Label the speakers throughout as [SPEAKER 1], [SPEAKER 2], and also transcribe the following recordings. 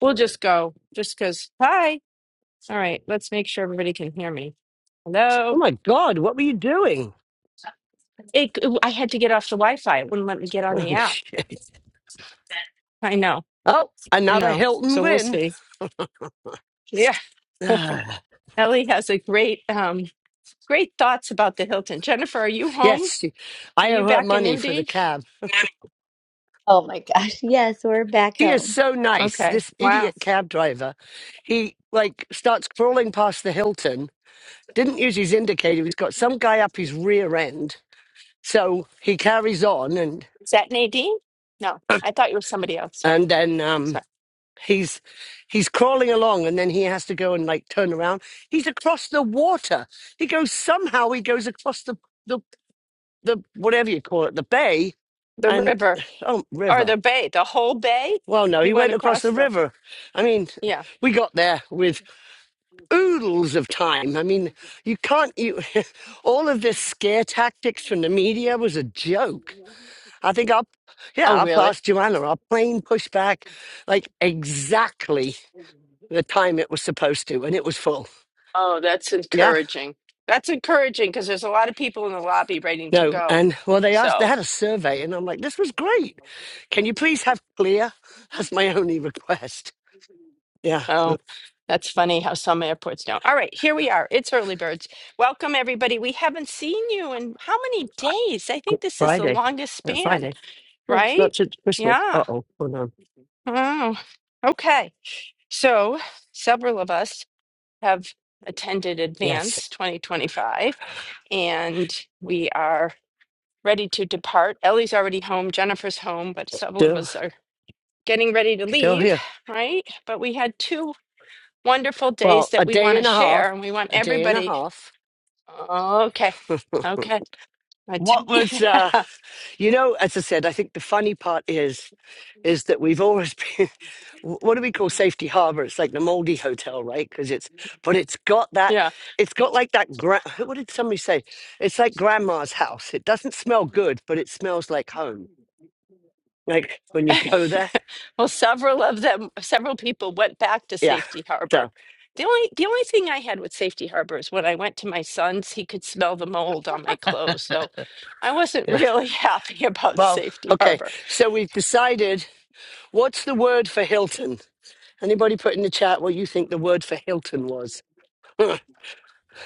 [SPEAKER 1] We'll just go, just because. Hi. All right, let's make sure everybody can hear me.
[SPEAKER 2] Oh
[SPEAKER 1] Hello.
[SPEAKER 2] my God, what were you doing?
[SPEAKER 1] It, I had to get off the Wi-Fi. It wouldn't let me get on the app. I know.
[SPEAKER 2] oh,
[SPEAKER 1] I
[SPEAKER 2] another
[SPEAKER 1] know.
[SPEAKER 2] Hilton
[SPEAKER 1] So we'll
[SPEAKER 2] win.
[SPEAKER 1] see. Yeah.
[SPEAKER 2] Ah,
[SPEAKER 1] Ellie has a great, um, great thoughts about the Hilton. Jennifer, are you home?
[SPEAKER 2] yes,
[SPEAKER 1] Are
[SPEAKER 2] I
[SPEAKER 1] you
[SPEAKER 2] owe her
[SPEAKER 1] back in
[SPEAKER 2] money for the
[SPEAKER 1] Indy?
[SPEAKER 2] cab.
[SPEAKER 3] Oh my gosh. Yes, we're back
[SPEAKER 2] She is
[SPEAKER 3] home.
[SPEAKER 2] so nice.
[SPEAKER 1] Okay.
[SPEAKER 2] This
[SPEAKER 1] Wow.
[SPEAKER 2] idiot cab driver, he like starts crawling past the Hilton, didn't use his indicator. He's got some guy up his rear end. So he carries on and
[SPEAKER 1] Is that Nadine? No, I thought you were somebody else. Sorry.
[SPEAKER 2] and then um
[SPEAKER 1] Sorry.
[SPEAKER 2] he's he's crawling along and then he has to go and like turn around. He's across the water. He goes somehow he goes across the the the whatever you call it, the bay
[SPEAKER 1] The
[SPEAKER 2] and
[SPEAKER 1] river
[SPEAKER 2] oh
[SPEAKER 1] or
[SPEAKER 2] river.
[SPEAKER 1] the bay, the whole bay.
[SPEAKER 2] Well, no,
[SPEAKER 1] You
[SPEAKER 2] he
[SPEAKER 1] went
[SPEAKER 2] went across the
[SPEAKER 1] across the.
[SPEAKER 2] river. I mean,
[SPEAKER 1] Yeah.
[SPEAKER 2] we got there with oodles of time. I mean, you can't. You, all of this scare tactics from the media was a joke. I think I,
[SPEAKER 1] Oh,
[SPEAKER 2] yeah, I
[SPEAKER 1] really?
[SPEAKER 2] passed Joanna. Our plane pushed back like exactly the time it was supposed to, and it was full.
[SPEAKER 1] Oh, that's
[SPEAKER 2] Yeah,
[SPEAKER 1] encouraging. That's encouraging because there's a lot of people in the lobby waiting to
[SPEAKER 2] no,
[SPEAKER 1] go.
[SPEAKER 2] and well, they asked. They
[SPEAKER 1] So,
[SPEAKER 2] had a survey, and I'm like, this was great. Can you please have clear? That's my only request Yeah,
[SPEAKER 1] oh,
[SPEAKER 2] but
[SPEAKER 1] that's funny how some airports don't. All right, here we are. It's early birds. Welcome, everybody. We haven't seen you in how many days? I think this is the
[SPEAKER 2] Friday.
[SPEAKER 1] longest
[SPEAKER 2] uh,
[SPEAKER 1] span.
[SPEAKER 2] Friday. No, it's
[SPEAKER 1] right?
[SPEAKER 2] not since Christmas. Uh
[SPEAKER 1] Yeah.
[SPEAKER 2] oh, hold on.
[SPEAKER 1] Oh. Okay. So several of us have attended
[SPEAKER 2] Yes,
[SPEAKER 1] Advance 2025 and we are ready to depart. Ellie's already home, Jennifer's home, but several of
[SPEAKER 2] still,
[SPEAKER 1] us are getting ready to
[SPEAKER 2] still
[SPEAKER 1] leave,
[SPEAKER 2] here.
[SPEAKER 1] right? But we had two wonderful days
[SPEAKER 2] Well, a
[SPEAKER 1] that we
[SPEAKER 2] day
[SPEAKER 1] want to
[SPEAKER 2] and a half.
[SPEAKER 1] share and we want
[SPEAKER 2] A day and a
[SPEAKER 1] everybody.
[SPEAKER 2] half.
[SPEAKER 1] Okay. Okay. I
[SPEAKER 2] What
[SPEAKER 1] tell you.
[SPEAKER 2] was, uh, you know, as I said, I think the funny part is, is that we've always been, what do we call Safety Harbor? It's like the Moldy Hotel, right? Because it's, but it's got that,
[SPEAKER 1] yeah.
[SPEAKER 2] it's got like that, gra- what did somebody say? It's like grandma's house. It doesn't smell good, but it smells like home. Like when you go there,
[SPEAKER 1] Well, several of them, several people went back to
[SPEAKER 2] Yeah.
[SPEAKER 1] Safety Harbor.
[SPEAKER 2] So,
[SPEAKER 1] The only the only thing I had with Safety Harbor is when I went to my son's, he could smell the mold on my clothes. So I wasn't
[SPEAKER 2] yeah.
[SPEAKER 1] really happy about
[SPEAKER 2] Well,
[SPEAKER 1] Safety
[SPEAKER 2] okay.
[SPEAKER 1] Harbor.
[SPEAKER 2] So we've decided what's the word for Hilton? Anybody put in the chat what you think the word for Hilton was?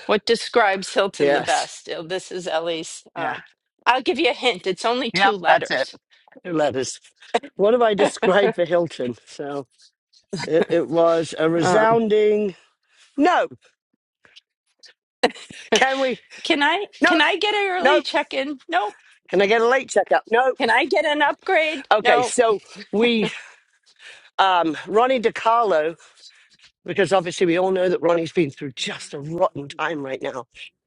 [SPEAKER 1] What describes Hilton the
[SPEAKER 2] yes.
[SPEAKER 1] best? Oh, This is Ellie's.
[SPEAKER 2] Yeah.
[SPEAKER 1] Um, I'll give you a hint. It's only two
[SPEAKER 2] Yep. That's it.
[SPEAKER 1] letters.
[SPEAKER 2] Two letters. What have I described for Hilton? So it, it was a
[SPEAKER 1] um,
[SPEAKER 2] resounding no. Can we?
[SPEAKER 1] can I
[SPEAKER 2] No.
[SPEAKER 1] can I get an early
[SPEAKER 2] Nope.
[SPEAKER 1] check-in? Nope.
[SPEAKER 2] Can I get a late checkup? Nope.
[SPEAKER 1] Can I get an upgrade?
[SPEAKER 2] Okay.
[SPEAKER 1] No.
[SPEAKER 2] So we, um, Ronnie DiCarlo because obviously we all know that Ronnie's been through just a rotten time right now.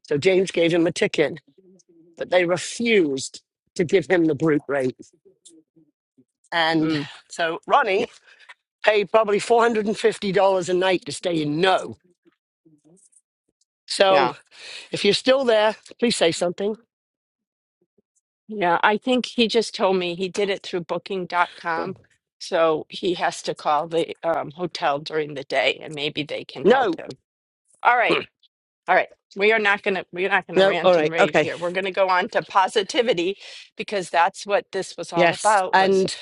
[SPEAKER 2] So James gave him a ticket, but they refused to give him the brute rate. And
[SPEAKER 1] Mm,
[SPEAKER 2] so
[SPEAKER 1] yeah.
[SPEAKER 2] Ronnie paid probably $450 a night to stay in no.
[SPEAKER 1] Yeah.
[SPEAKER 2] So if you're still there, please say something.
[SPEAKER 1] Yeah, I think he just told me he did it through Booking dot
[SPEAKER 2] Oh,
[SPEAKER 1] com. So he has to call the um, hotel during the day and maybe they can help
[SPEAKER 2] No,
[SPEAKER 1] him. All right. All right. We are not going to we're not going to
[SPEAKER 2] no, all
[SPEAKER 1] rant and
[SPEAKER 2] right,
[SPEAKER 1] rave
[SPEAKER 2] okay.
[SPEAKER 1] here. We're going to go on to positivity because that's what this was all
[SPEAKER 2] Yes.
[SPEAKER 1] about was
[SPEAKER 2] And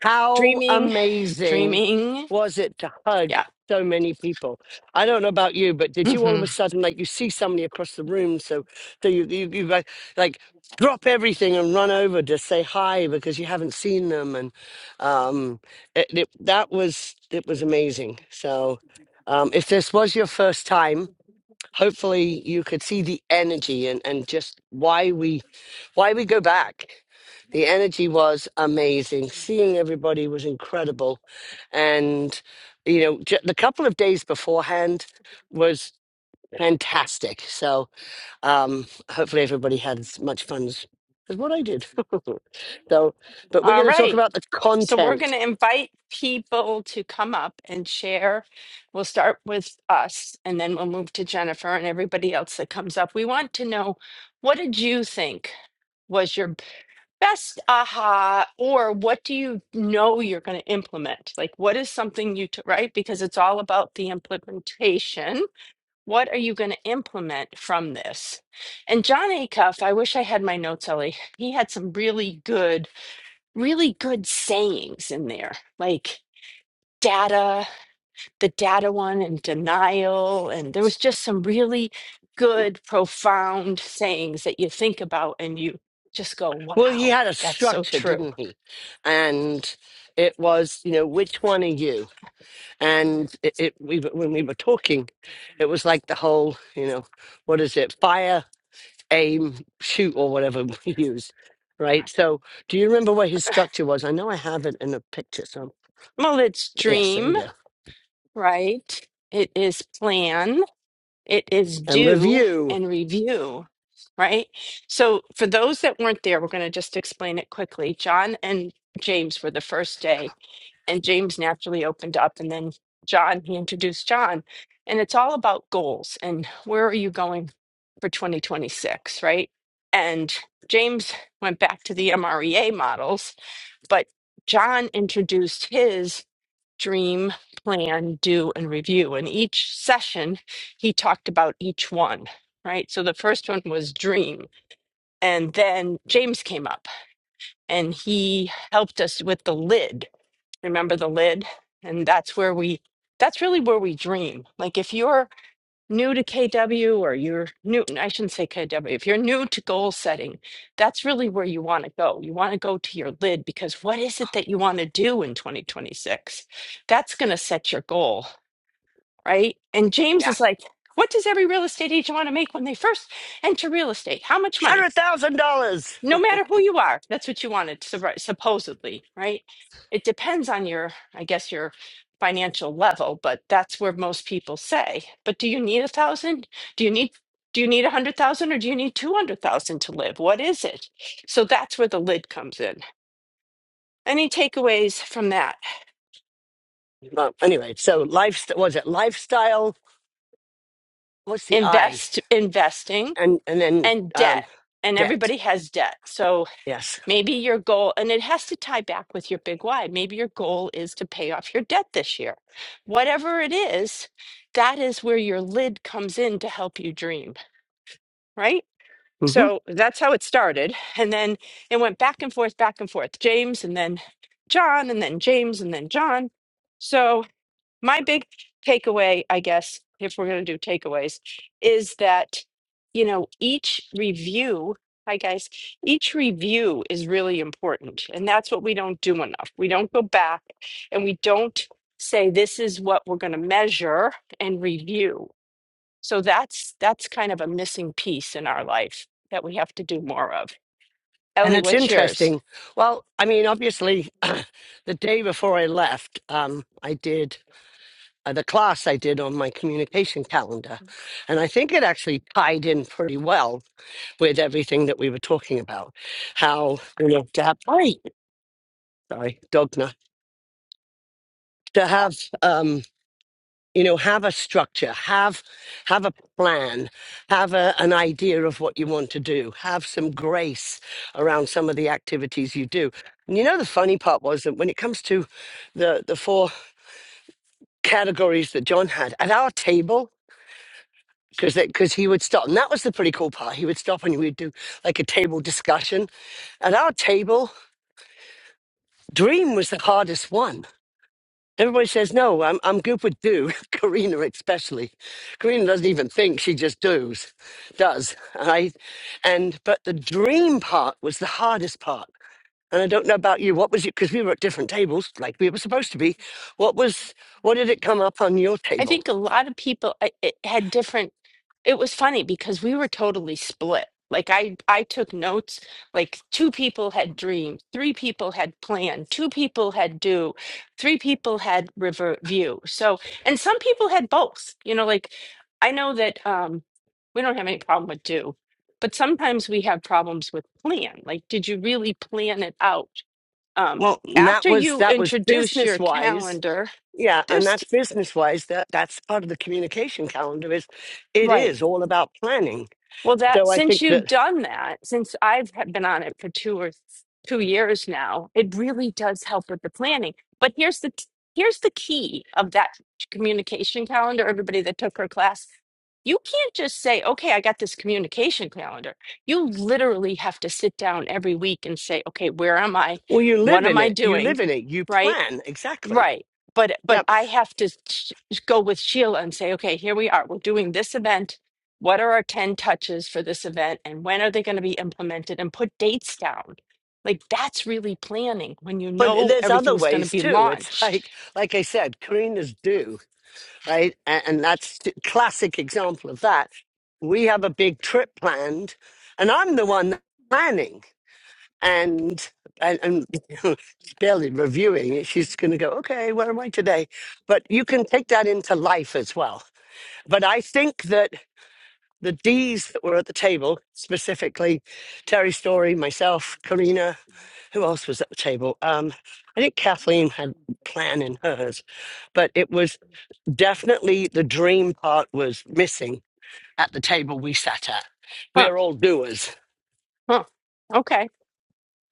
[SPEAKER 2] how
[SPEAKER 1] dreaming,
[SPEAKER 2] amazing
[SPEAKER 1] dreaming.
[SPEAKER 2] was it to hug
[SPEAKER 1] Yeah.
[SPEAKER 2] so many people? I don't know about you, but did you all of a
[SPEAKER 1] Mhm.
[SPEAKER 2] sudden like you see somebody across the room, so so you you, you like like, drop everything and run over to say hi because you haven't seen them, and um, it, it, that was it was amazing. So. Um, if this was your first time, hopefully you could see the energy and, and just why we why we go back? The energy was amazing. Seeing everybody was incredible, and you know, j- the couple of days beforehand was fantastic. So um, hopefully, everybody had as much fun as, as what I did. so, but we're
[SPEAKER 1] All
[SPEAKER 2] going to talk
[SPEAKER 1] right.
[SPEAKER 2] about the
[SPEAKER 1] So we're going
[SPEAKER 2] content.
[SPEAKER 1] to invite people to come up and share. We'll start with us and then we'll move to Jennifer and everybody else that comes up. We want to know what did you think was your best aha or what do you know you're going to implement? Like what is something you took, right? Because it's all about the implementation. What are you going to implement from this? And John Acuff, I wish I had my notes, Ellie. He had some really good really good sayings in there, like data, the data one, and denial. And there was just some really good, profound sayings that you think about and you just go,
[SPEAKER 2] Well, he
[SPEAKER 1] wow,
[SPEAKER 2] had a
[SPEAKER 1] that's so
[SPEAKER 2] structure,
[SPEAKER 1] true.
[SPEAKER 2] didn't he? And it was, you know, which one are you? and it, it we were- when we were talking it was like the whole you know what is it fire aim shoot or whatever we use right so do you remember what his structure was i know i have it in a picture so
[SPEAKER 1] Well, it's
[SPEAKER 2] yes there you
[SPEAKER 1] dream,
[SPEAKER 2] go
[SPEAKER 1] right? It is plan. it is
[SPEAKER 2] and
[SPEAKER 1] do
[SPEAKER 2] review
[SPEAKER 1] and review, right? So, for those that weren't there, we're going to just explain it quickly. John and James were the first day, and James naturally opened up, and then John, he introduced John. And it's all about goals and where are you going for 2026, right? And James went back to the MREA models, but John introduced his dream, plan, do, and review. And each session, he talked about each one, right? So the first one was dream. And then James came up and he helped us with the lid. Remember the lid? And that's where we, that's really where we dream. Like if you're new to KW or you're new, I shouldn't say KW, if you're new to goal setting, that's really where you want to go. You want to go to your lid because what is it that you want to do in 2026? That's going to set your goal right? And James
[SPEAKER 2] yeah
[SPEAKER 1] is like, what does every real estate agent want to make when they first enter real estate? How much money?
[SPEAKER 2] hundred thousand dollars
[SPEAKER 1] No matter who you are, that's what you wanted, supp- supposedly, right? It depends on your, I guess, your financial level, but that's where most people say. But do you need a thousand? Do you need do you need a hundred thousand or do you need two hundred thousand to live? What is it? So that's where the lid comes in. Any takeaways from that?
[SPEAKER 2] well anyway so lifestyle was it lifestyle what's the i
[SPEAKER 1] Invest investing
[SPEAKER 2] and and then
[SPEAKER 1] and
[SPEAKER 2] um
[SPEAKER 1] debt. And
[SPEAKER 2] debt
[SPEAKER 1] everybody has debt. So
[SPEAKER 2] yes
[SPEAKER 1] Maybe your goal, and it has to tie back with your big why. Maybe your goal is to pay off your debt this year. Whatever it is, that is where your lid comes in to help you dream, right?
[SPEAKER 2] Mm-hmm.
[SPEAKER 1] So that's how it started. And then it went back and forth, back and forth. James, and then John, and then James, and then John. So my big takeaway, I guess, if we're going to do takeaways, is that, you know, each review, hi guys, each review is really important. And that's what we don't do enough. We don't go back and we don't say, this is what we're going to measure and review. So that's that's kind of a missing piece in our life that we have to do more of.
[SPEAKER 2] And
[SPEAKER 1] Ellie,
[SPEAKER 2] it's
[SPEAKER 1] what's yours?
[SPEAKER 2] interesting. Well, I mean, obviously, the day before I left, um, I did uh, the class I did on my communication calendar. And I think it actually tied in pretty well with everything that we were talking about. How, you know, to have, sorry, sorry, dog knock. to have, um, you know have a structure have have a plan have a, an idea of what you want to do have some grace around some of the activities you do and you know the funny part was that when it comes to the the four categories that john had at our table because because he would stop and that was the pretty cool part he would stop and we'd do like a table discussion at our table dream was the hardest one Everybody says, no, I'm, I'm good with do, Karina especially. Karina doesn't even think, she just does, does. And I, and, but the dream part was the hardest part. And I don't know about you, what was it, because we were at different tables, like we were supposed to be. What was, what did it come up on your
[SPEAKER 1] I
[SPEAKER 2] table?
[SPEAKER 1] think a lot of people I- it had different. It was funny because we were totally split. Like I, I took notes. Like two people had dream, three people had plan, two people had do, three people had river view. So, and some people had both. You know, like I know that um, we don't have any problem with do, but sometimes we have problems with plan. Like, did you really plan it out? Um,
[SPEAKER 2] Well, and that
[SPEAKER 1] after
[SPEAKER 2] was,
[SPEAKER 1] you
[SPEAKER 2] that was
[SPEAKER 1] introduce
[SPEAKER 2] business
[SPEAKER 1] your
[SPEAKER 2] wise.
[SPEAKER 1] calendar,
[SPEAKER 2] Yeah, and
[SPEAKER 1] there's
[SPEAKER 2] that's business wise. That that's part of the communication calendar is, it
[SPEAKER 1] right.
[SPEAKER 2] is all about planning.
[SPEAKER 1] Well, that
[SPEAKER 2] So I think
[SPEAKER 1] since
[SPEAKER 2] that
[SPEAKER 1] you've done that, since I've ha- been on it for two or th- two years now, it really does help with the planning. But here's the t- here's the key of that communication calendar. Everybody that took her class, you can't just say, "Okay, I got this communication calendar." You literally have to sit down every week and say, "Okay, where am I?
[SPEAKER 2] Well, you
[SPEAKER 1] What
[SPEAKER 2] live
[SPEAKER 1] am
[SPEAKER 2] in
[SPEAKER 1] I
[SPEAKER 2] it. You
[SPEAKER 1] doing?"
[SPEAKER 2] live in it. You
[SPEAKER 1] Right?
[SPEAKER 2] plan. Exactly.
[SPEAKER 1] Right. But but
[SPEAKER 2] Yep.
[SPEAKER 1] I have to sh- go with Sheila and say, okay, here we are. We're doing this event. What are our 10 touches for this event and when are they going to be implemented and put dates down? Like that's really planning when you
[SPEAKER 2] But
[SPEAKER 1] know
[SPEAKER 2] there's other
[SPEAKER 1] everything's going to
[SPEAKER 2] ways
[SPEAKER 1] be
[SPEAKER 2] too. It's
[SPEAKER 1] launched.
[SPEAKER 2] like, like I said, Karina's do right? And, and that's t- classic example of that. We have a big trip planned and I'm the one planning and, and, and she's barely reviewing it. She's going to go, okay, where am I today? But you can take that into life as well. But I think that the D's that were at the table, specifically Terry Story, myself, Karina, who else was at the table? Um, I think Kathleen had a plan in hers, but it was definitely the dream part was missing at the table we sat at.
[SPEAKER 1] Huh.
[SPEAKER 2] We're all doers.
[SPEAKER 1] Huh. Okay.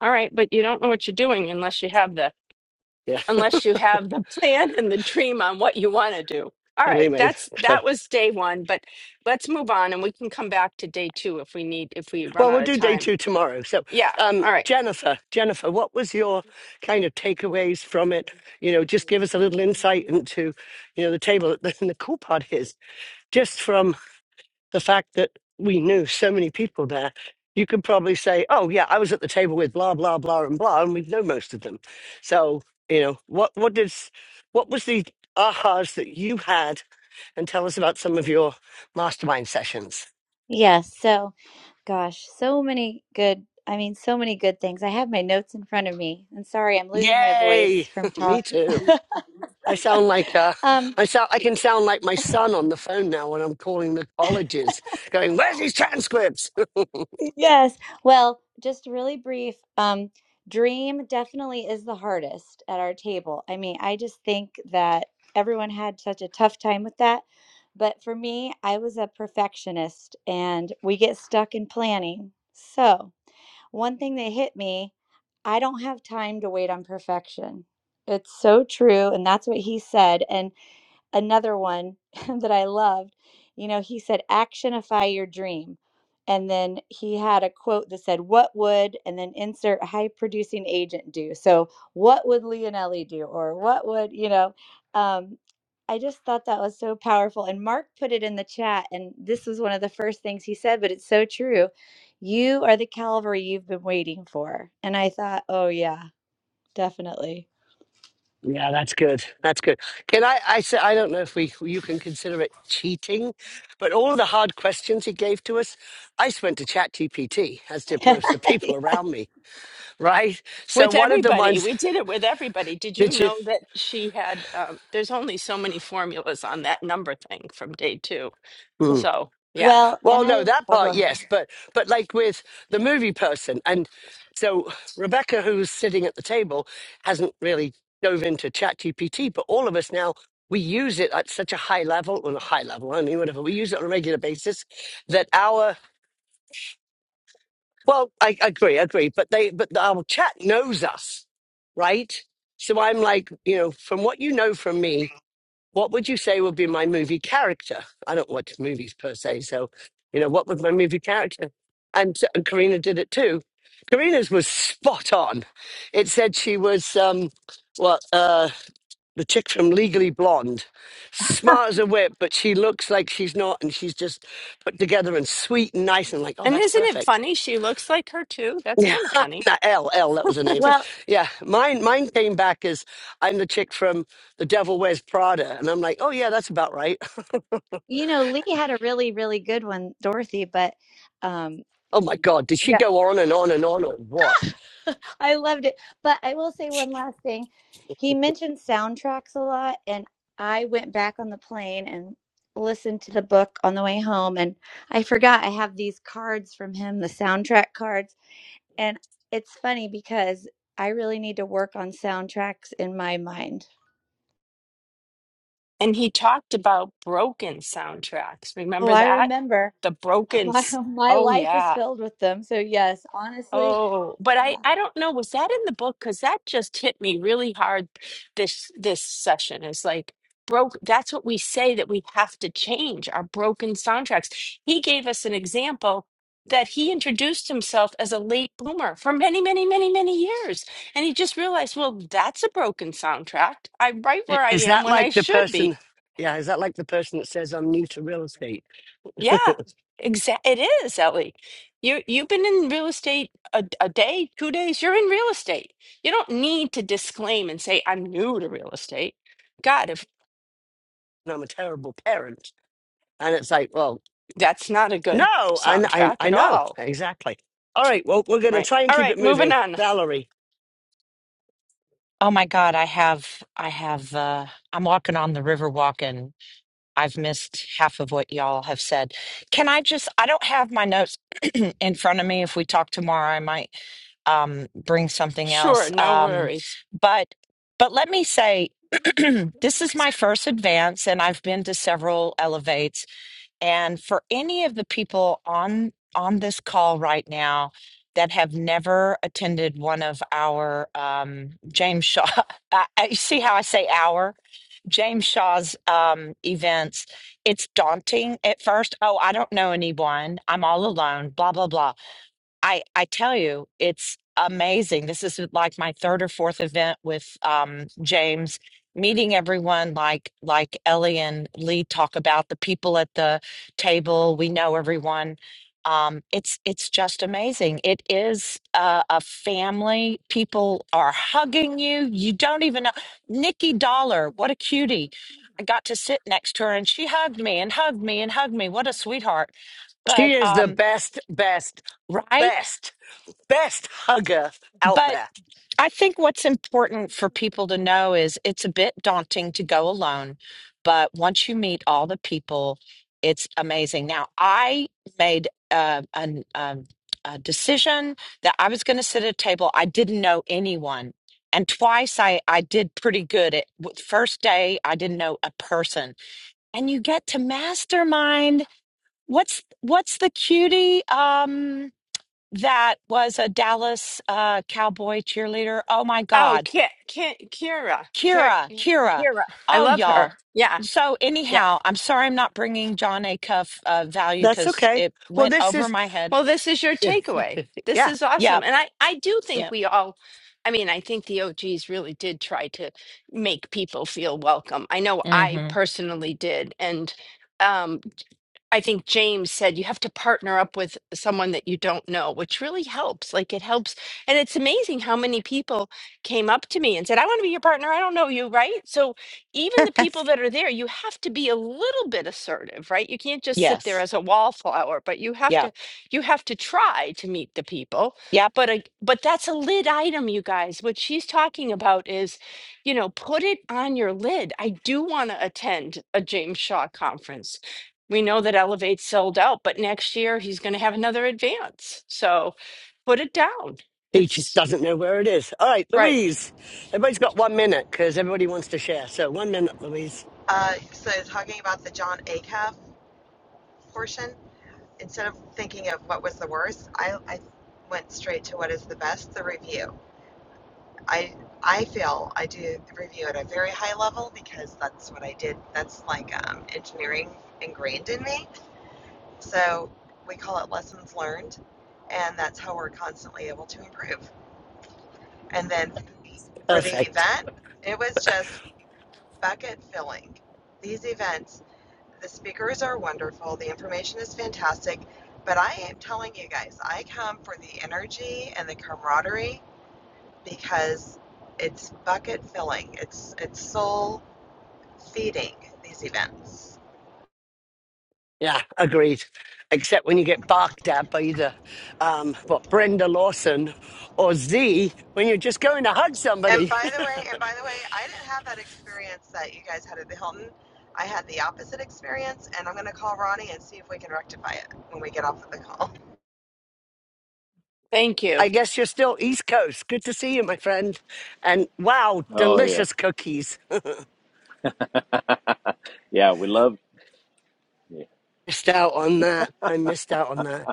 [SPEAKER 1] All right, but you don't know what you're doing unless you have the
[SPEAKER 2] Yeah.
[SPEAKER 1] unless you have the plan and the dream on what you want to do. All
[SPEAKER 2] But
[SPEAKER 1] right,
[SPEAKER 2] anyway,
[SPEAKER 1] that's
[SPEAKER 2] so
[SPEAKER 1] that was day 1, but let's move on and we can come back to day 2 if we need if we run
[SPEAKER 2] well, we'll
[SPEAKER 1] out of
[SPEAKER 2] do day
[SPEAKER 1] time.
[SPEAKER 2] two tomorrow. So,
[SPEAKER 1] Yeah.
[SPEAKER 2] um,
[SPEAKER 1] All right.
[SPEAKER 2] Jennifer, Jennifer, what was your kind of takeaways from it? You know, just give us a little insight into, you know, the table. And the cool part is just from the fact that we knew so many people there, you could probably say, "Oh yeah, I was at the table with blah blah blah and blah," and we know most of them. So you know, what what did what was the ahas that you had, and tell us about some of your mastermind sessions.
[SPEAKER 3] Yes. so, gosh, so many good, I mean, so many good things. I have my notes in front of me. And sorry, I'm losing my voice
[SPEAKER 2] Yay!
[SPEAKER 3] from talk.
[SPEAKER 2] Me too. I sound like uh,
[SPEAKER 3] um,
[SPEAKER 2] I sound I can sound like my son on the phone now when I'm calling the colleges, going, "Where's his transcripts?"
[SPEAKER 3] yes. Well, just really brief. Um, dream definitely is the hardest at our table. I mean, I just think that everyone had such a tough time with that. But for me, I was a perfectionist and we get stuck in planning. So, One thing that hit me I don't have time to wait on perfection. It's so true. And that's what he said. And another one that I loved, you know, he said, actionify your dream. And then he had a quote that said, What would, and then insert high producing agent do? So, what would Leonelli do? Or what would, you know, um, I just thought that was so powerful. And Mark put it in the chat, and this was one of the first things he said, but it's so true. You are the Calvary you've been waiting for. And I thought, Oh, yeah Definitely.
[SPEAKER 2] Yeah, that's good. That's good. Can I? I say I don't know if we you can consider it cheating, but all the hard questions he gave to us, I just went to ChatGPT, as did most of the people around me, right? So
[SPEAKER 1] With
[SPEAKER 2] one of the
[SPEAKER 1] everybody,
[SPEAKER 2] ones
[SPEAKER 1] we did it with everybody. Did you
[SPEAKER 2] did you?
[SPEAKER 1] know that she had? Um, there's only so many formulas on that number thing from day two.
[SPEAKER 2] hmm.
[SPEAKER 1] So yeah.
[SPEAKER 3] Well,
[SPEAKER 2] Well,
[SPEAKER 3] and I,
[SPEAKER 2] no, that
[SPEAKER 3] oh,
[SPEAKER 2] part,
[SPEAKER 3] go
[SPEAKER 2] yes,
[SPEAKER 3] ahead.
[SPEAKER 2] but but like with the movie person, and so Rebecca, who's sitting at the table, hasn't really dove into ChatGPT, but all of us now we use it at such a high level, on a high level, I mean, whatever. We use it on a regular basis that our well, I I agree, I agree, but they but our chat knows us, right? So I'm like, you know, from what you know from me, what would you say would be my movie character? I don't watch movies per se, so you know, what would my movie character? And, so- and Karina did it too. Karina's was spot on. It said she was um, what uh, the chick from Legally Blonde, smart as a whip, but she looks like she's not, and she's just put together and sweet and nice, and like, oh,
[SPEAKER 1] And
[SPEAKER 2] that's
[SPEAKER 1] isn't it
[SPEAKER 2] perfect.
[SPEAKER 1] funny? She looks like her too. That's
[SPEAKER 2] Yeah,
[SPEAKER 1] kind of funny.
[SPEAKER 2] not L L. That was her name.
[SPEAKER 3] Well,
[SPEAKER 2] Yeah, mine mine came back as I'm the chick from The Devil Wears Prada, and I'm like, oh yeah, that's about right
[SPEAKER 3] you know, Lee had a really, really good one, Dorothy, but um,
[SPEAKER 2] Oh my God, did she go on and on and on or what?
[SPEAKER 3] I loved it. But I will say one last thing. He mentioned soundtracks a lot, and I went back on the plane and listened to the book on the way home. And I forgot I have these cards from him, the soundtrack cards. And it's funny because I really need to work on soundtracks in my mind.
[SPEAKER 1] And he talked about broken soundtracks.
[SPEAKER 3] Oh,
[SPEAKER 1] Remember
[SPEAKER 3] I
[SPEAKER 1] that?
[SPEAKER 3] remember.
[SPEAKER 1] The broken.
[SPEAKER 3] My,
[SPEAKER 1] s-
[SPEAKER 3] my
[SPEAKER 1] Oh
[SPEAKER 3] life is
[SPEAKER 1] yeah.
[SPEAKER 3] filled with them. So, yes, honestly,
[SPEAKER 1] Oh, but I
[SPEAKER 3] yeah.
[SPEAKER 1] I don't know. Was that in the book? Because that just hit me really hard. This this session is like broke. That's what we say that we have to change our broken soundtracks. He gave us an example that he introduced himself as a late bloomer for many, many, many, many years, and he just realized, well, that's a broken soundtrack. I'm right where
[SPEAKER 2] I-
[SPEAKER 1] I
[SPEAKER 2] Is
[SPEAKER 1] am
[SPEAKER 2] that
[SPEAKER 1] when I
[SPEAKER 2] like the
[SPEAKER 1] should
[SPEAKER 2] person?
[SPEAKER 1] be.
[SPEAKER 2] Yeah, is that like the person that says, I'm new to real estate and
[SPEAKER 1] Yeah, exact. it is, Ellie. You you've been in real estate a, a day, two days, you're in real estate. You don't need to disclaim and say, I'm new to real estate. God, if
[SPEAKER 2] I'm a terrible parent? And it's like, well,
[SPEAKER 1] that's not a good
[SPEAKER 2] no, and I,
[SPEAKER 1] soundtrack
[SPEAKER 2] I
[SPEAKER 1] at
[SPEAKER 2] know
[SPEAKER 1] all.
[SPEAKER 2] exactly. All right, well, we're going to
[SPEAKER 1] Right.
[SPEAKER 2] try and
[SPEAKER 1] All
[SPEAKER 2] keep it
[SPEAKER 1] right, moving
[SPEAKER 2] moving.
[SPEAKER 1] on.
[SPEAKER 2] Valerie,
[SPEAKER 4] Oh my God, I have, I have, uh, I'm walking on the river walk and I've missed half of what y'all have said. Can I just, I don't have my notes in front of me. If we talk tomorrow, I might um, bring something else.
[SPEAKER 1] Sure, no
[SPEAKER 4] Um,
[SPEAKER 1] worries.
[SPEAKER 4] but, but let me say, this is my first advance and I've been to several elevates and for any of the people on on this call right now that have never attended one of our um, James Shaw, I, I- you see how I say our James Shaw's um, events. It's daunting at first. Oh, I don't know anyone. I'm all alone. Blah blah blah. I I tell you, it's amazing. This is like my third or fourth event with um, James, meeting everyone like like Ellie and Lee talk about the people at the table. We know everyone. Um, it's it's just amazing. It is uh, a family. People are hugging you. You don't even know. Nikki Dollar, what a cutie! I got to sit next to her and she hugged me and hugged me and hugged me. What a sweetheart!
[SPEAKER 2] she
[SPEAKER 4] But
[SPEAKER 2] is the
[SPEAKER 4] um,
[SPEAKER 2] best, best,
[SPEAKER 4] right.
[SPEAKER 2] best, best hugger out
[SPEAKER 4] But
[SPEAKER 2] there.
[SPEAKER 4] I think what's important for people to know is it's a bit daunting to go alone, but once you meet all the people, it's amazing. Now, I made uh, an, um, a decision that I was going to sit at a table. I didn't know anyone. And twice I, I did pretty good. At w- first day, I didn't know a person. And you get to mastermind. What's what's the cutie? Um, that was a Dallas uh, cowboy cheerleader. Oh my
[SPEAKER 1] Oh,
[SPEAKER 4] God.
[SPEAKER 1] Ki Ki Kira. Kira.
[SPEAKER 4] Kira, Kira.
[SPEAKER 1] Kira. I
[SPEAKER 4] Oh,
[SPEAKER 1] love
[SPEAKER 4] y'all.
[SPEAKER 1] her. Yeah.
[SPEAKER 4] So,
[SPEAKER 1] yeah.
[SPEAKER 4] anyhow, I'm sorry I'm not bringing John A. Cuff uh, value
[SPEAKER 2] That's
[SPEAKER 4] because
[SPEAKER 2] okay.
[SPEAKER 4] it
[SPEAKER 2] Well,
[SPEAKER 4] went
[SPEAKER 2] this
[SPEAKER 4] over
[SPEAKER 2] is,
[SPEAKER 4] my head.
[SPEAKER 1] Well, this is your takeaway. This
[SPEAKER 2] yeah,
[SPEAKER 1] is awesome.
[SPEAKER 4] Yep.
[SPEAKER 1] And I, I do think
[SPEAKER 4] Yep.
[SPEAKER 1] we all, I mean, I think the OGs really did try to make people feel welcome. I know I
[SPEAKER 4] Mm-hmm.
[SPEAKER 1] personally did. And um, I think James said you have to partner up with someone that you don't know, which really helps. Like it helps. And it's amazing how many people came up to me and said, I want to be your partner. I don't know you, right? So even the people that are there, you have to be a little bit assertive, right? You can't just sit there
[SPEAKER 4] Yes.
[SPEAKER 1] as a wallflower, but you have
[SPEAKER 4] Yep.
[SPEAKER 1] to you have to try to meet the people.
[SPEAKER 4] Yep.
[SPEAKER 1] But a, but that's a lid item, you guys. What she's talking about is, you know, put it on your lid. I do want to attend a James Shaw conference. We know that Elevate's sold out, but next year he's going to have another advance. So put it down.
[SPEAKER 2] He just
[SPEAKER 1] It's
[SPEAKER 2] doesn't know where it is. All right,
[SPEAKER 1] right.
[SPEAKER 2] Louise. Everybody's got one minute because everybody wants to share. So one minute, Louise.
[SPEAKER 5] Uh, so talking about the John Acuff portion, instead of thinking of what was the worst, I, I went straight to what is the best, the review. I I feel I do the review at a very high level because that's what I did. That's like um, engineering ingrained in me. So we call it lessons learned, and that's how we're constantly able to improve. And then for the
[SPEAKER 2] Perfect.
[SPEAKER 5] event, it was just bucket filling. These events The speakers are wonderful. The information is fantastic. But I am telling you guys, I come for the energy and the camaraderie because it's bucket filling. It's it's soul feeding these events.
[SPEAKER 2] Yeah, agreed. Except when you get barked at by either um, what Brenda Lawson or Z when you're just going to hug
[SPEAKER 5] And
[SPEAKER 2] somebody.
[SPEAKER 5] by the way, and by the way, I didn't have that experience that you guys had at the Hilton. I had the opposite experience, and I'm gonna call Ronnie and see if we can rectify it when we get off of the call.
[SPEAKER 1] Thank you.
[SPEAKER 2] I guess you're still East Coast. Good to see you, my friend. And wow,
[SPEAKER 6] Oh yeah,
[SPEAKER 2] delicious cookies.
[SPEAKER 6] yeah. We love. Yeah.
[SPEAKER 2] Missed out on that. I missed out on that.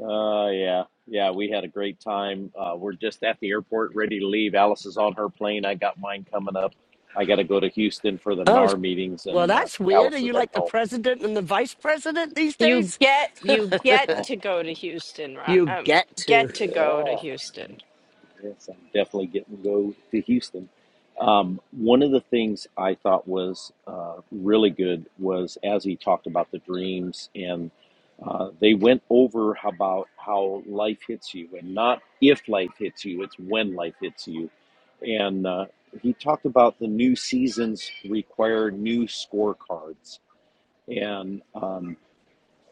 [SPEAKER 6] Uh, yeah, yeah. We had a great time. Uh, we're just at the airport, ready to leave. Alice is on her plane. I got mine coming up. I got to go to Houston for the
[SPEAKER 2] Oh, it's-
[SPEAKER 6] NAR meetings,
[SPEAKER 2] well,
[SPEAKER 6] and uh,
[SPEAKER 2] that's weird. Are
[SPEAKER 6] Alice is
[SPEAKER 2] you
[SPEAKER 6] heading
[SPEAKER 2] like the
[SPEAKER 6] home.
[SPEAKER 2] president and the vice president these
[SPEAKER 1] You
[SPEAKER 2] days?
[SPEAKER 1] get you get
[SPEAKER 6] Oh,
[SPEAKER 1] to go to Houston. Ro-
[SPEAKER 2] You
[SPEAKER 1] Um,
[SPEAKER 2] get to.
[SPEAKER 1] get to go to
[SPEAKER 6] yeah.
[SPEAKER 1] Houston.
[SPEAKER 6] Yes, I'm definitely getting to go to Houston. Um, one of the things I thought was uh, really good was as he talked about the dreams, and uh, they went over how about how life hits you, and not if life hits you, it's when life hits you. And uh, he talked about the new seasons require new scorecards, and um,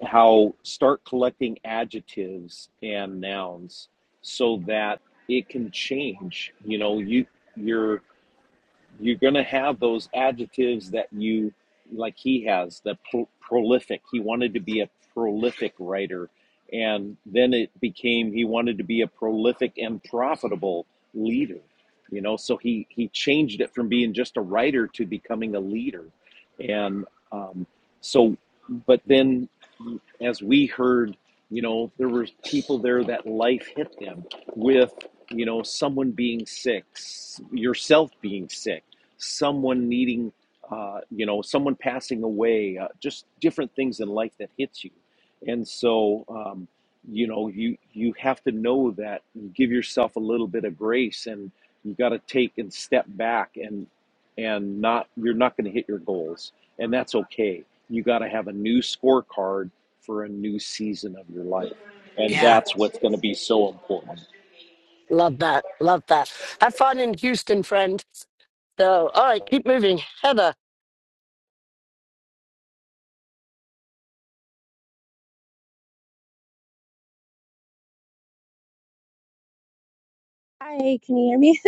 [SPEAKER 6] how start collecting adjectives and nouns so that it can change. You know, you you're you're going to have those adjectives that you like he has the pro- prolific he wanted to be a prolific writer and then it became he wanted to be a prolific and profitable leader you know so he he changed it from being just a writer to becoming a leader and um, so but then as we heard you know there were people there that life hit them with you know someone being sick yourself being sick someone needing, uh, you know, someone passing away, uh, just different things in life that hits you. And so, um, you know, you you have to know that. You give yourself a little bit of grace, and you got to take and step back, and and not you're not going to hit your goals, and that's okay. You got to have a new scorecard for a new season of your life, and
[SPEAKER 2] Yeah.
[SPEAKER 6] that's what's going to be so important.
[SPEAKER 2] Love that. Love that. Have fun in Houston, friend. So, all right, keep moving. Heather.
[SPEAKER 7] Hi, can you hear me?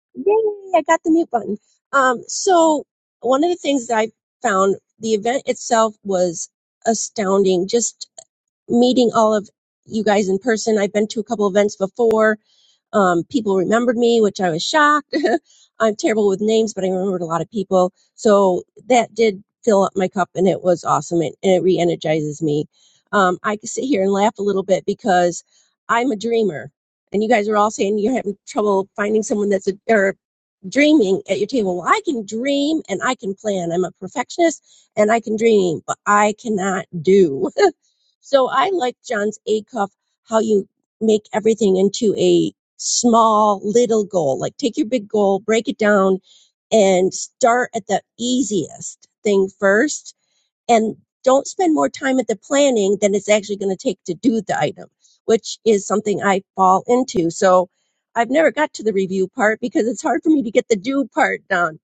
[SPEAKER 7] Yay, I got the mute button. Um, so one of the things that I found, the event itself was astounding. Just meeting all of you guys in person. I've been to a couple events before um, people remembered me, which I was shocked. I'm terrible with names, but I remembered a lot of people. So that did fill up my cup and it was awesome and, and it re energizes me. Um, I could sit here and laugh a little bit because I'm a dreamer. And you guys are all saying you're having trouble finding someone that's a, or dreaming at your table. Well, I can dream and I can plan. I'm a perfectionist and I can dream, but I cannot do. So I like John's Acuff how you make everything into a small little goal. Like take your big goal, break it down, and start at the easiest thing first. And don't spend more time at the planning than it's actually going to take to do the item, which is something I fall into. So I've never got to the review part because it's hard for me to get the do part done.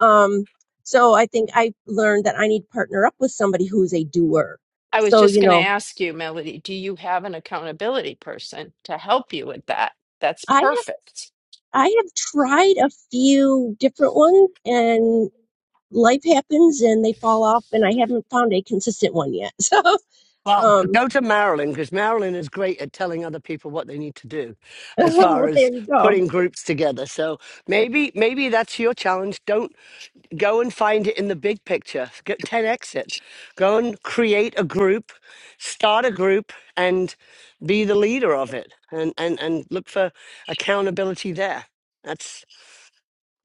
[SPEAKER 7] Um, so I think I learned that I need to partner up with somebody who's a doer.
[SPEAKER 1] I was
[SPEAKER 7] So,
[SPEAKER 1] just
[SPEAKER 7] you
[SPEAKER 1] going to
[SPEAKER 7] know,
[SPEAKER 1] ask you, Melody, do you have an accountability person to help you with that? That's
[SPEAKER 7] I
[SPEAKER 1] perfect.
[SPEAKER 7] I have tried a few different ones and life happens and they fall off and I haven't found a consistent one yet. So,
[SPEAKER 2] Well,
[SPEAKER 7] um,
[SPEAKER 2] go to Marilyn because Marilyn is great at telling other people what they need to do as far
[SPEAKER 7] well, there
[SPEAKER 2] as
[SPEAKER 7] you go.
[SPEAKER 2] putting groups together. So maybe maybe that's your challenge. Don't go and find it in the big picture. Get 10x it. Go and create a group, start a group and be the leader of it and and and look for accountability there. That's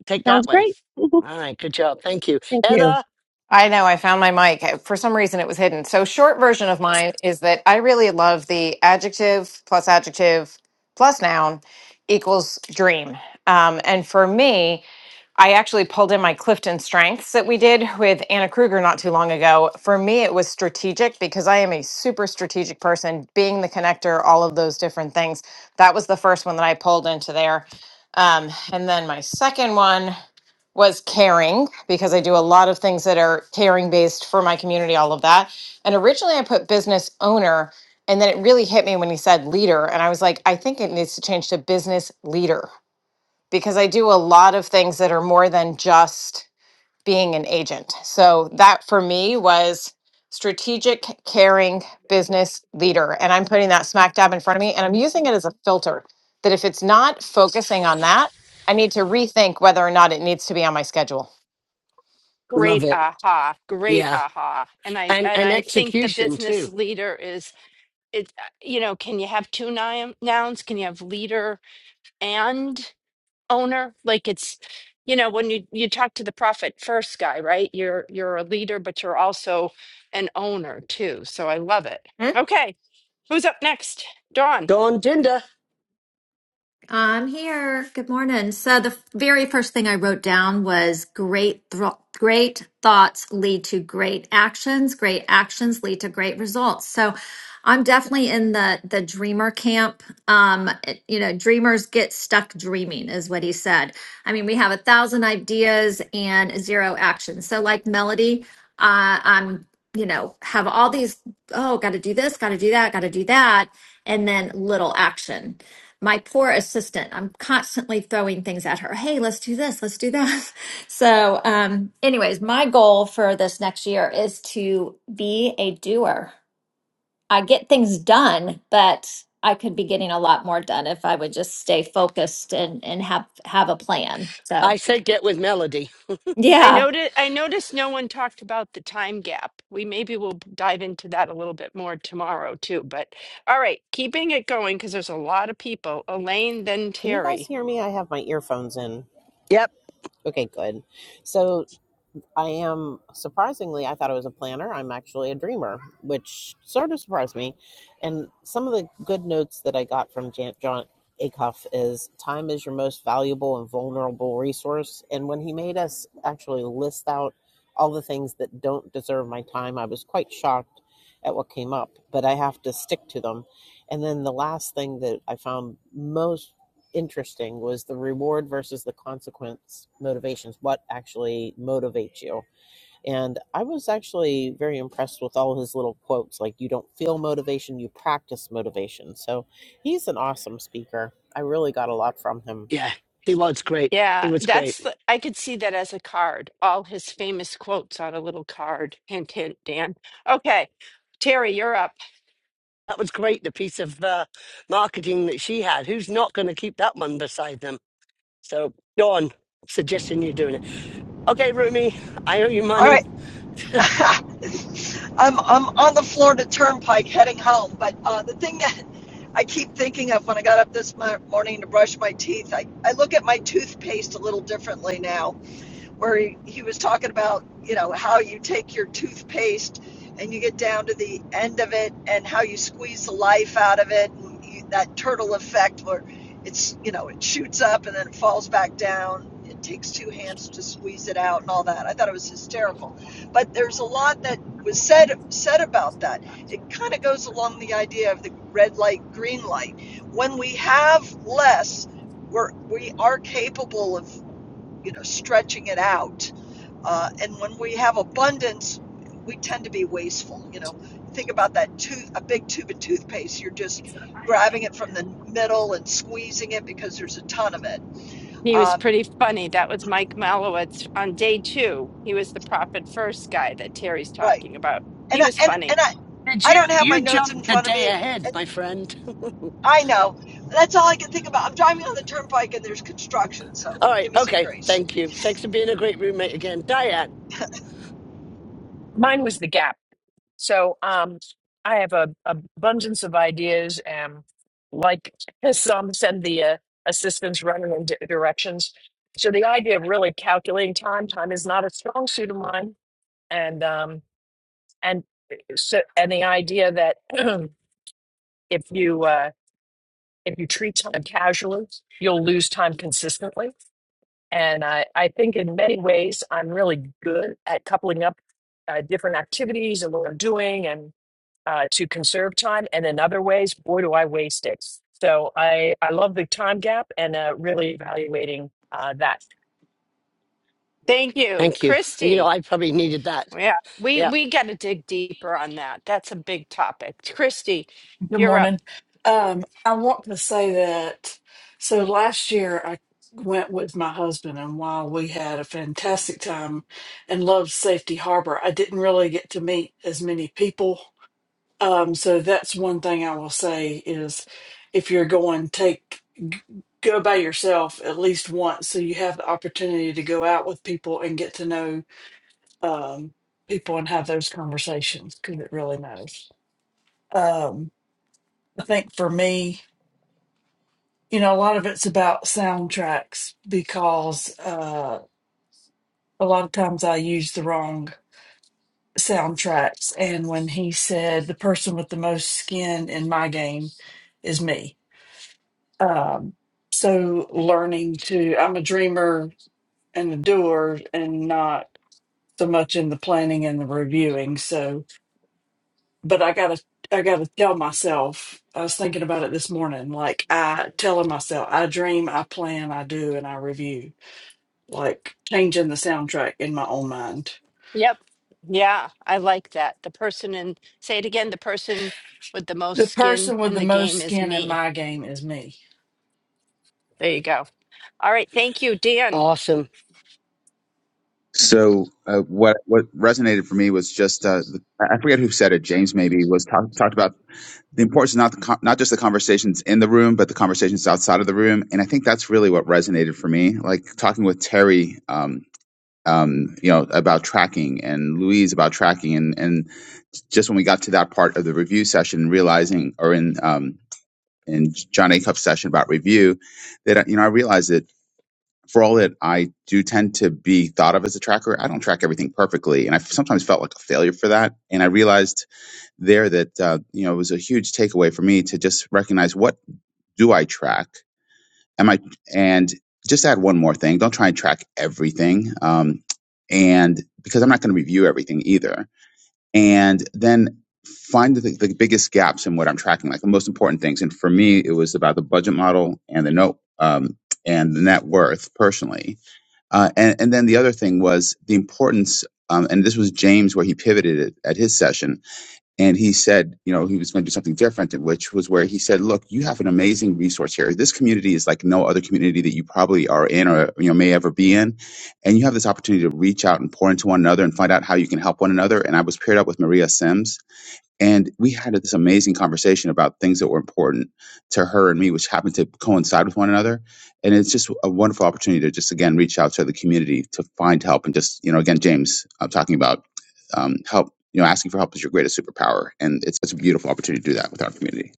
[SPEAKER 2] take that
[SPEAKER 7] Sounds
[SPEAKER 2] way.
[SPEAKER 7] great.
[SPEAKER 2] All right, good job. Thank you.
[SPEAKER 7] Thank you.
[SPEAKER 2] Heather,
[SPEAKER 8] I know. I found my mic. For some reason, it was hidden. So, short version of mine is that I really love the adjective plus adjective plus noun equals dream. Um, and for me, I actually pulled in my Clifton Strengths that we did with Anna Kruger not too long ago. For me, it was strategic because I am a super strategic person, being the connector, all of those different things. That was the first one that I pulled into there. Um, and then my second one was caring because I do a lot of things that are caring based for my community, all of that. And originally I put business owner, and then it really hit me when he said leader. And I was like, I think it needs to change to business leader because I do a lot of things that are more than just being an agent. So that for me was strategic, caring business leader. And I'm putting that smack dab in front of me and I'm using it as a filter that if it's not focusing on that, I need to rethink whether or not it needs to be on my schedule.
[SPEAKER 2] love
[SPEAKER 1] Great
[SPEAKER 2] it.
[SPEAKER 1] aha. Great
[SPEAKER 2] Yeah.
[SPEAKER 1] aha. And I
[SPEAKER 2] And
[SPEAKER 1] and
[SPEAKER 2] and
[SPEAKER 1] I think the
[SPEAKER 2] execution
[SPEAKER 1] business
[SPEAKER 2] too.
[SPEAKER 1] leader is it you know, can you have two noun- nouns? Can you have leader and owner like it's you know when you you talk to the profit first guy right you're you're a leader but you're also an owner too so i love it okay who's up next dawn
[SPEAKER 2] Dawn Dinder.
[SPEAKER 9] I'm here. Good morning. So the very first thing I wrote down was great thro great thoughts lead to great actions, great actions lead to great results. So I'm definitely in the the dreamer camp. Um it- you know, dreamers get stuck dreaming is what he said. I mean, we have a thousand ideas and zero action. So like Melody, uh, I'm you know, have all these, oh, got to do this, got to do that, got to do that, and then little action my poor assistant i'm constantly throwing things at her hey let's do this let's do that so um anyways my goal for this next year is to be a doer i get things done but i could be getting a lot more done if i would just stay focused and and have have a plan so
[SPEAKER 2] I said get with Melody.
[SPEAKER 1] i
[SPEAKER 9] yeah
[SPEAKER 1] noted i noticed no one talked about the time gap we maybe will dive into that a little bit more tomorrow too but all right keeping it going because there's a lot of people elaine then
[SPEAKER 10] Can you guys
[SPEAKER 1] terry
[SPEAKER 10] hear me? I have my earphones in.
[SPEAKER 2] Yep.
[SPEAKER 10] Okay, good. So I am surprisingly, I thought I was a planner. I'm actually a dreamer, which sort of surprised me. And some of the good notes that I got from Jan- John Acuff is time is your most valuable and vulnerable resource. And when he made us actually list out all the things that don't deserve my time, I was quite shocked at what came up, but I have to stick to them. And then the last thing that I found most interesting was the reward versus the consequence motivations what actually motivates you and i was actually very impressed with all his little quotes like you don't feel motivation you practice motivation so he's an awesome speaker i really got a lot from him
[SPEAKER 2] Yeah. He was great. He
[SPEAKER 1] Yeah,
[SPEAKER 2] was great.
[SPEAKER 1] that's the, I could see that as a card. All his famous quotes on a little card. Hint, hint, Dan. Okay, Terry, you're up.
[SPEAKER 2] That was great, the piece of uh, marketing that she had. Who's not going to keep that one beside them? So, Dawn, suggesting you're doing it. Okay, Rumi, I owe you
[SPEAKER 11] All
[SPEAKER 2] money.
[SPEAKER 11] right. I'm, I'm on the Florida Turnpike heading home, but uh, the thing that I keep thinking of when I got up this morning to brush my teeth, I, I look at my toothpaste a little differently now where he, he was talking about, you know, how you take your toothpaste and you get down to the end of it and how you squeeze the life out of it and you, that turtle effect where it's, you know, it shoots up and then it falls back down. It takes two hands to squeeze it out and all that. I thought it was hysterical. But there's a lot that was said said about that. It kind of goes along the idea of the red light, green light. When we have less, we're, we are capable of you know, stretching it out. Uh, and when we have abundance, we tend to be wasteful. You know, think about that tooth, a big tube of toothpaste. You're just grabbing it from the middle and squeezing it because there's a ton of it.
[SPEAKER 1] He was
[SPEAKER 11] Um,
[SPEAKER 1] pretty funny. That was Mike Malowitz on day two. He was the profit first guy that Terry's
[SPEAKER 11] right.
[SPEAKER 1] talking about.
[SPEAKER 11] And
[SPEAKER 1] He
[SPEAKER 11] I,
[SPEAKER 1] was
[SPEAKER 11] and
[SPEAKER 1] funny.
[SPEAKER 11] and I,
[SPEAKER 2] Did
[SPEAKER 11] I
[SPEAKER 2] you
[SPEAKER 11] don't have my
[SPEAKER 2] you
[SPEAKER 11] notes
[SPEAKER 2] jumped
[SPEAKER 11] in
[SPEAKER 2] a
[SPEAKER 11] front of
[SPEAKER 2] day
[SPEAKER 11] me.
[SPEAKER 2] ahead, my
[SPEAKER 11] And
[SPEAKER 2] friend?
[SPEAKER 11] I know that's all I can think about. I'm driving on the turnpike and there's construction, so
[SPEAKER 2] All right,
[SPEAKER 11] give me some
[SPEAKER 2] okay,
[SPEAKER 11] grace.
[SPEAKER 2] thank you. Thanks for being a great roommate again, Diane.
[SPEAKER 12] Mine was the gap. So um, I have a, a abundance of ideas, and like some send the uh, assistants running in di- directions. So the idea of really calculating time, time is not a strong suit of mine, and um, and uh, so and the idea that if you uh, if you treat time casually, you'll lose time consistently. And I, I think in many ways, I'm really good at coupling up uh, different activities and what I'm doing uh, to conserve time, and in other ways, boy, do I waste it. So I I love the time gap and uh, really evaluating uh, that.
[SPEAKER 1] Thank you,
[SPEAKER 2] Thank you. You know,
[SPEAKER 1] Christy.
[SPEAKER 2] I probably needed that.
[SPEAKER 1] Yeah, we
[SPEAKER 2] Yeah,
[SPEAKER 1] we got to dig deeper on that. That's a big topic. Christy,
[SPEAKER 13] Good
[SPEAKER 1] you're up.
[SPEAKER 13] morning. Um, I want to say that so last year I went with my husband, and while we had a fantastic time and loved Safety Harbor, I didn't really get to meet as many people. Um, so that's one thing I will say is if you're going, take g- go by yourself at least once so you have the opportunity to go out with people and get to know um, people and have those conversations because it really matters. Um, I think for me, you know, a lot of it's about soundtracks because uh, a lot of times I use the wrong soundtracks. And when he said the person with the most skin in my game is me. Um, so learning to, I'm a dreamer and a doer and not so much in the planning and the reviewing. So, but I gotta, I gotta tell myself, I was thinking about it this morning, like I telling myself, I dream, I plan, I do, and I review like changing the soundtrack in my own mind.
[SPEAKER 1] Yep. Yeah, I like that. The person in, say it again, the person with the most
[SPEAKER 13] The
[SPEAKER 1] skin
[SPEAKER 13] person with
[SPEAKER 1] in
[SPEAKER 13] the
[SPEAKER 1] the
[SPEAKER 13] most
[SPEAKER 1] game is
[SPEAKER 13] skin in
[SPEAKER 1] me.
[SPEAKER 13] my game is me.
[SPEAKER 1] There you go. All right. Thank you, Dan.
[SPEAKER 2] awesome.
[SPEAKER 14] So uh, what what resonated for me was just uh, the, I forget who said it. James maybe was talk, talked about the importance of not the con- not just the conversations in the room, but the conversations outside of the room. And I think that's really what resonated for me. Like talking with Terry, um, um, you know, about tracking and Louise about tracking, and and just when we got to that part of the review session, realizing or in um, in John Acuff's session about review, that you know I realized that for all that I do tend to be thought of as a tracker, I don't track everything perfectly, and I sometimes felt like a failure for that. And I realized there that uh, you know it was a huge takeaway for me to just recognize what do I track? Am I and just add one more thing. Don't try and track everything, um, and because I'm not going to review everything either. And then find the, the biggest gaps in what I'm tracking, like the most important things. And for me, it was about the budget model and the note um, and the net worth personally uh, and, and then the other thing was the importance, um, and this was James where he pivoted it at his session. And he said, you know, he was going to do something different, which was where he said, look, you have an amazing resource here. This community is like no other community that you probably are in or, you know, may ever be in. And you have this opportunity to reach out and pour into one another and find out how you can help one another. And I was paired up with Maria Sims and we had this amazing conversation about things that were important to her and me, which happened to coincide with one another. And it's just a wonderful opportunity to just, again, reach out to the community to find help. And just, you know, again, James, I'm talking about um, help, you know, asking for help is your greatest superpower. And it's, it's a beautiful opportunity to do that with our community.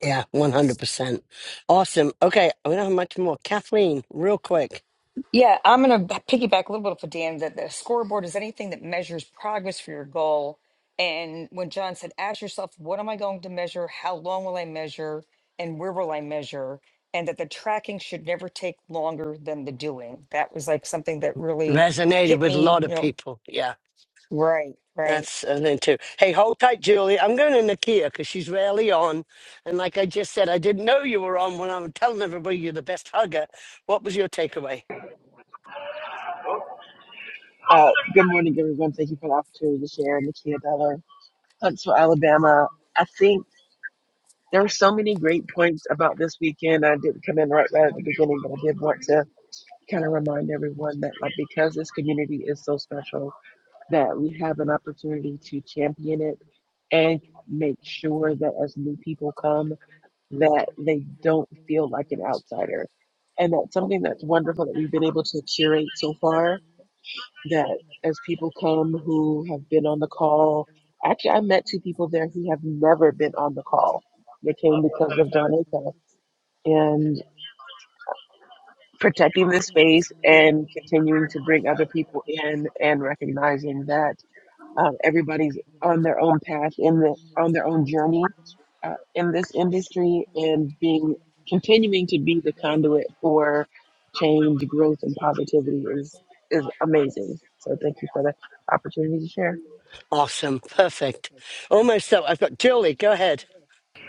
[SPEAKER 2] Yeah, one hundred percent. Awesome. Okay, we don't have much more. Kathleen, real quick,
[SPEAKER 15] Yeah, I'm going to piggyback a little bit for Dan that the scoreboard is anything that measures progress for your goal. And when John said, ask yourself, what am I going to measure? How long will I measure? And where will I measure? And that the tracking should never take longer than the doing. That was like something that really
[SPEAKER 2] resonated
[SPEAKER 15] hit
[SPEAKER 2] with a
[SPEAKER 15] me,
[SPEAKER 2] lot
[SPEAKER 15] you
[SPEAKER 2] of
[SPEAKER 15] know,
[SPEAKER 2] people. Yeah.
[SPEAKER 15] right, right.
[SPEAKER 2] That's a thing too. Hey, hold tight, Julie. I'm going to Nakia because she's rarely on. And like I just said, I didn't know you were on when I was telling everybody you're the best hugger. What was your takeaway?
[SPEAKER 16] Uh, good morning, everyone. Thank you for the opportunity to share. Nikia Dollar, Huntsville, Alabama. I think there are so many great points about this weekend. I didn't come in right, right at the beginning, but I did want to kind of remind everyone that, like, because this community is so special, that we have an opportunity to champion it and make sure that as new people come, that they don't feel like an outsider. And that's something that's wonderful that we've been able to curate so far that as people come who have been on the call, actually, I met two people there who have never been on the call. They came because of Donica and protecting this space and continuing to bring other people in and recognizing that um, everybody's on their own path in the on their own journey uh, in this industry and being continuing to be the conduit for change, growth, and positivity is is amazing. So thank you for the opportunity to share.
[SPEAKER 2] Awesome. Perfect. Almost so. I've got Julie. Go ahead.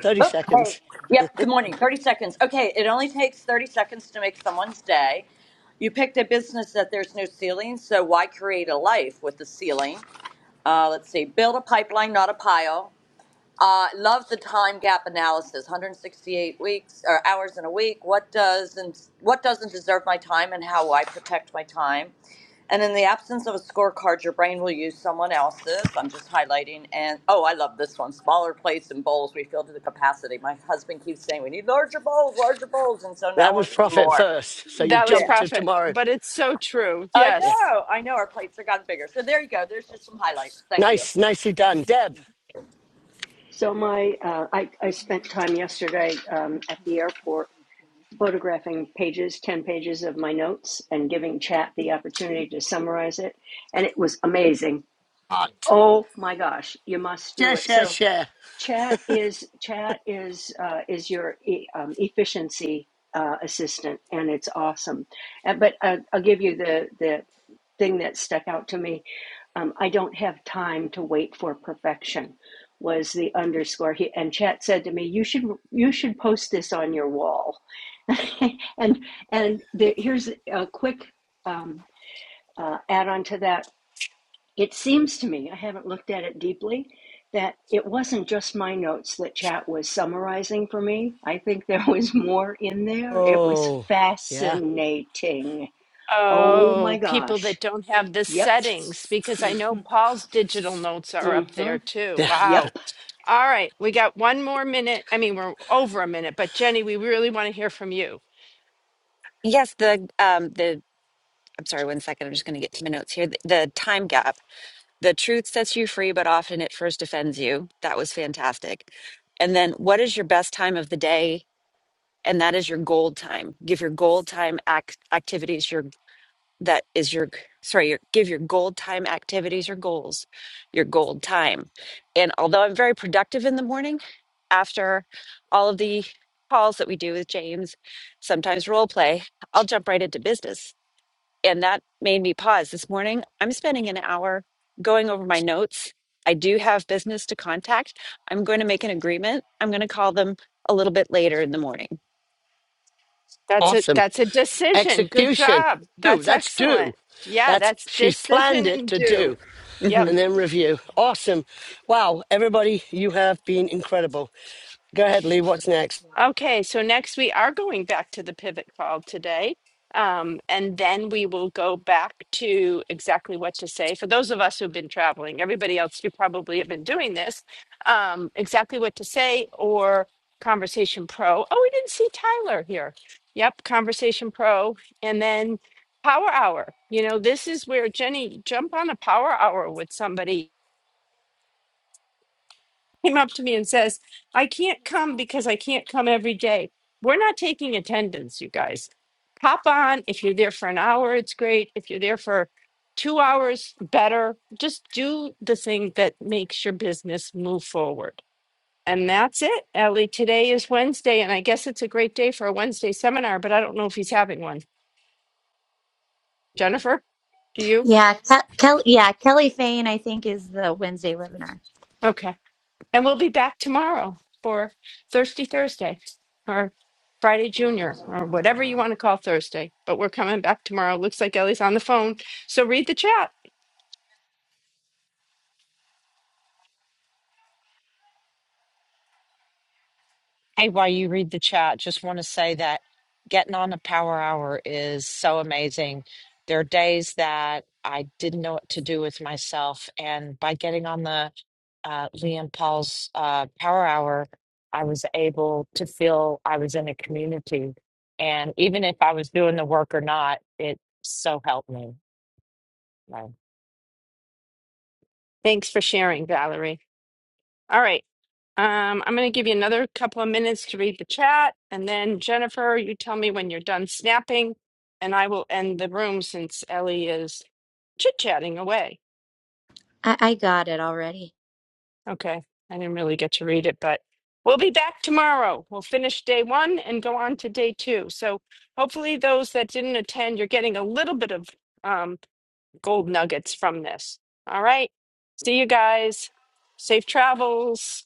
[SPEAKER 2] 30
[SPEAKER 17] Oh, hey.
[SPEAKER 2] seconds.
[SPEAKER 17] Yep. Good morning. 30 seconds. Okay. It only takes 30 seconds to make someone's day. You picked a business that there's no ceiling, so why create a life with a ceiling? Uh, let's see. Build a pipeline, not a pile. Uh, love the time gap analysis. 168 weeks or hours in a week. What does and what doesn't deserve my time, and how I protect my time. And in the absence of a scorecard, your brain will use someone else's. I'm just highlighting. And oh, I love this one. Smaller plates and bowls. We fill to the capacity. My husband keeps saying we need larger bowls, larger bowls, and so now
[SPEAKER 2] That was
[SPEAKER 17] we're eating
[SPEAKER 2] profit
[SPEAKER 17] more.
[SPEAKER 2] first. So you've
[SPEAKER 1] That was
[SPEAKER 2] jumped to
[SPEAKER 1] profit,
[SPEAKER 2] tomorrow.
[SPEAKER 1] but it's so true.
[SPEAKER 17] I
[SPEAKER 2] Yeah.
[SPEAKER 1] Yes.
[SPEAKER 17] know. I know our plates have gotten bigger. So there you go. There's just some highlights. Thank you.
[SPEAKER 2] Nice. Nicely done. Deb.
[SPEAKER 18] So my, uh, I, I spent time yesterday um, at the airport photographing pages, 10 pages of my notes and giving chat the opportunity to summarize it. And it was amazing.
[SPEAKER 2] Hot.
[SPEAKER 18] Oh my gosh, you must
[SPEAKER 2] Share,
[SPEAKER 18] do it.
[SPEAKER 2] share,
[SPEAKER 18] So
[SPEAKER 2] share.
[SPEAKER 18] chat is, chat is, uh, is your e- um, efficiency uh, assistant and it's awesome. And, but uh, I'll give you the, the thing that stuck out to me. Um, I don't have time to wait for perfection was the underscore. He, and Chat said to me, "You should you should post this on your wall." and and the, here's a quick um, uh, add on to that. It seems to me I haven't looked at it deeply that it wasn't just my notes that Chat was summarizing for me. I think there was more in there. It was
[SPEAKER 2] Oh, yeah.
[SPEAKER 18] fascinating. Oh my
[SPEAKER 1] Oh, people
[SPEAKER 18] gosh.
[SPEAKER 1] that don't have the
[SPEAKER 18] Yep.
[SPEAKER 1] settings, because I know
[SPEAKER 18] Mhm.
[SPEAKER 1] Paul's digital notes are up
[SPEAKER 18] Mm-hmm.
[SPEAKER 1] there too.
[SPEAKER 2] Yeah.
[SPEAKER 18] Yep.
[SPEAKER 1] Wow. All right. We got one more minute. I mean, we're over a minute, but Jenny, we really want to hear from you.
[SPEAKER 19] Yes, the um the I'm sorry, one second. I'm just going to get to my notes here. The, the time gap. The truth sets you free, but often it first offends you. That was fantastic. And then what is your best time of the day? And that is your gold time. Give your gold time act activities your that is your sorry, your give your gold time activities or goals your gold time. And although I'm very productive in the morning after all of the calls that we do with James, sometimes role play, I'll jump right into business and that made me pause this morning. I'm spending an hour going over my notes. I do have business to contact. I'm going to make an agreement. I'm going to call them a little bit later in the morning.
[SPEAKER 1] That's a
[SPEAKER 2] Awesome.
[SPEAKER 1] that's a decision. Good
[SPEAKER 2] Execution.
[SPEAKER 1] job.
[SPEAKER 2] Do.
[SPEAKER 1] That's
[SPEAKER 2] That's do.
[SPEAKER 1] excellent. Yeah,
[SPEAKER 2] That's
[SPEAKER 1] that's
[SPEAKER 2] she's planned
[SPEAKER 1] decision
[SPEAKER 2] it
[SPEAKER 1] and
[SPEAKER 2] to
[SPEAKER 1] do.
[SPEAKER 2] do
[SPEAKER 1] Yep.
[SPEAKER 19] Mm-hmm.
[SPEAKER 2] and then review. Awesome. Wow. Everybody, you have been incredible. Go ahead, Lee. What's next?
[SPEAKER 1] Okay, so next we are going back to the pivot call today. Um, and then we will go back to exactly what to say. For those of us who've been traveling, everybody else, you probably have been doing this, um, exactly what to say or Conversation Pro. Oh, we didn't see Tyler here. Yep, Conversation Pro. And then Power Hour. You know, this is where Jenny, jump on a Power Hour with somebody came up to me and says, I can't come because I can't come every day. We're not taking attendance, you guys. Hop on. If you're there for an hour, it's great. If you're there for two hours, better. Just do the thing that makes your business move forward. And that's it, Ellie. Today is Wednesday, and I guess it's a great day for a Wednesday seminar, but I don't know if he's having one. Jennifer, do you?
[SPEAKER 3] Yeah, Ke- Kelly, yeah, Kelly Fane, I think, is the Wednesday webinar.
[SPEAKER 1] Okay." And we'll be back tomorrow for Thirsty Thursday or Friday Junior or whatever you want to call Thursday. But we're coming back tomorrow. Looks like Ellie's on the phone. So read the chat.
[SPEAKER 4] Hey, while you read the chat, just want to say that getting on a power hour is so amazing. There are days that I didn't know what to do with myself, and by getting on the uh, Liam Paul's uh, Power Hour, I was able to feel I was in a community, and even if I was doing the work or not, it so helped me.
[SPEAKER 1] Thanks for sharing, Valerie. All right. Um, I'm going to give you another couple of minutes to read the chat. And then, Jennifer, you tell me when you're done snapping. And I will end the room since Ellie is chit chatting away.
[SPEAKER 3] I, I got it already.
[SPEAKER 1] Okay. I didn't really get to read it, but we'll be back tomorrow. We'll finish day one and go on to day two. So hopefully, those that didn't attend, you're getting a little bit of um, gold nuggets from this. All right. See you guys. Safe travels.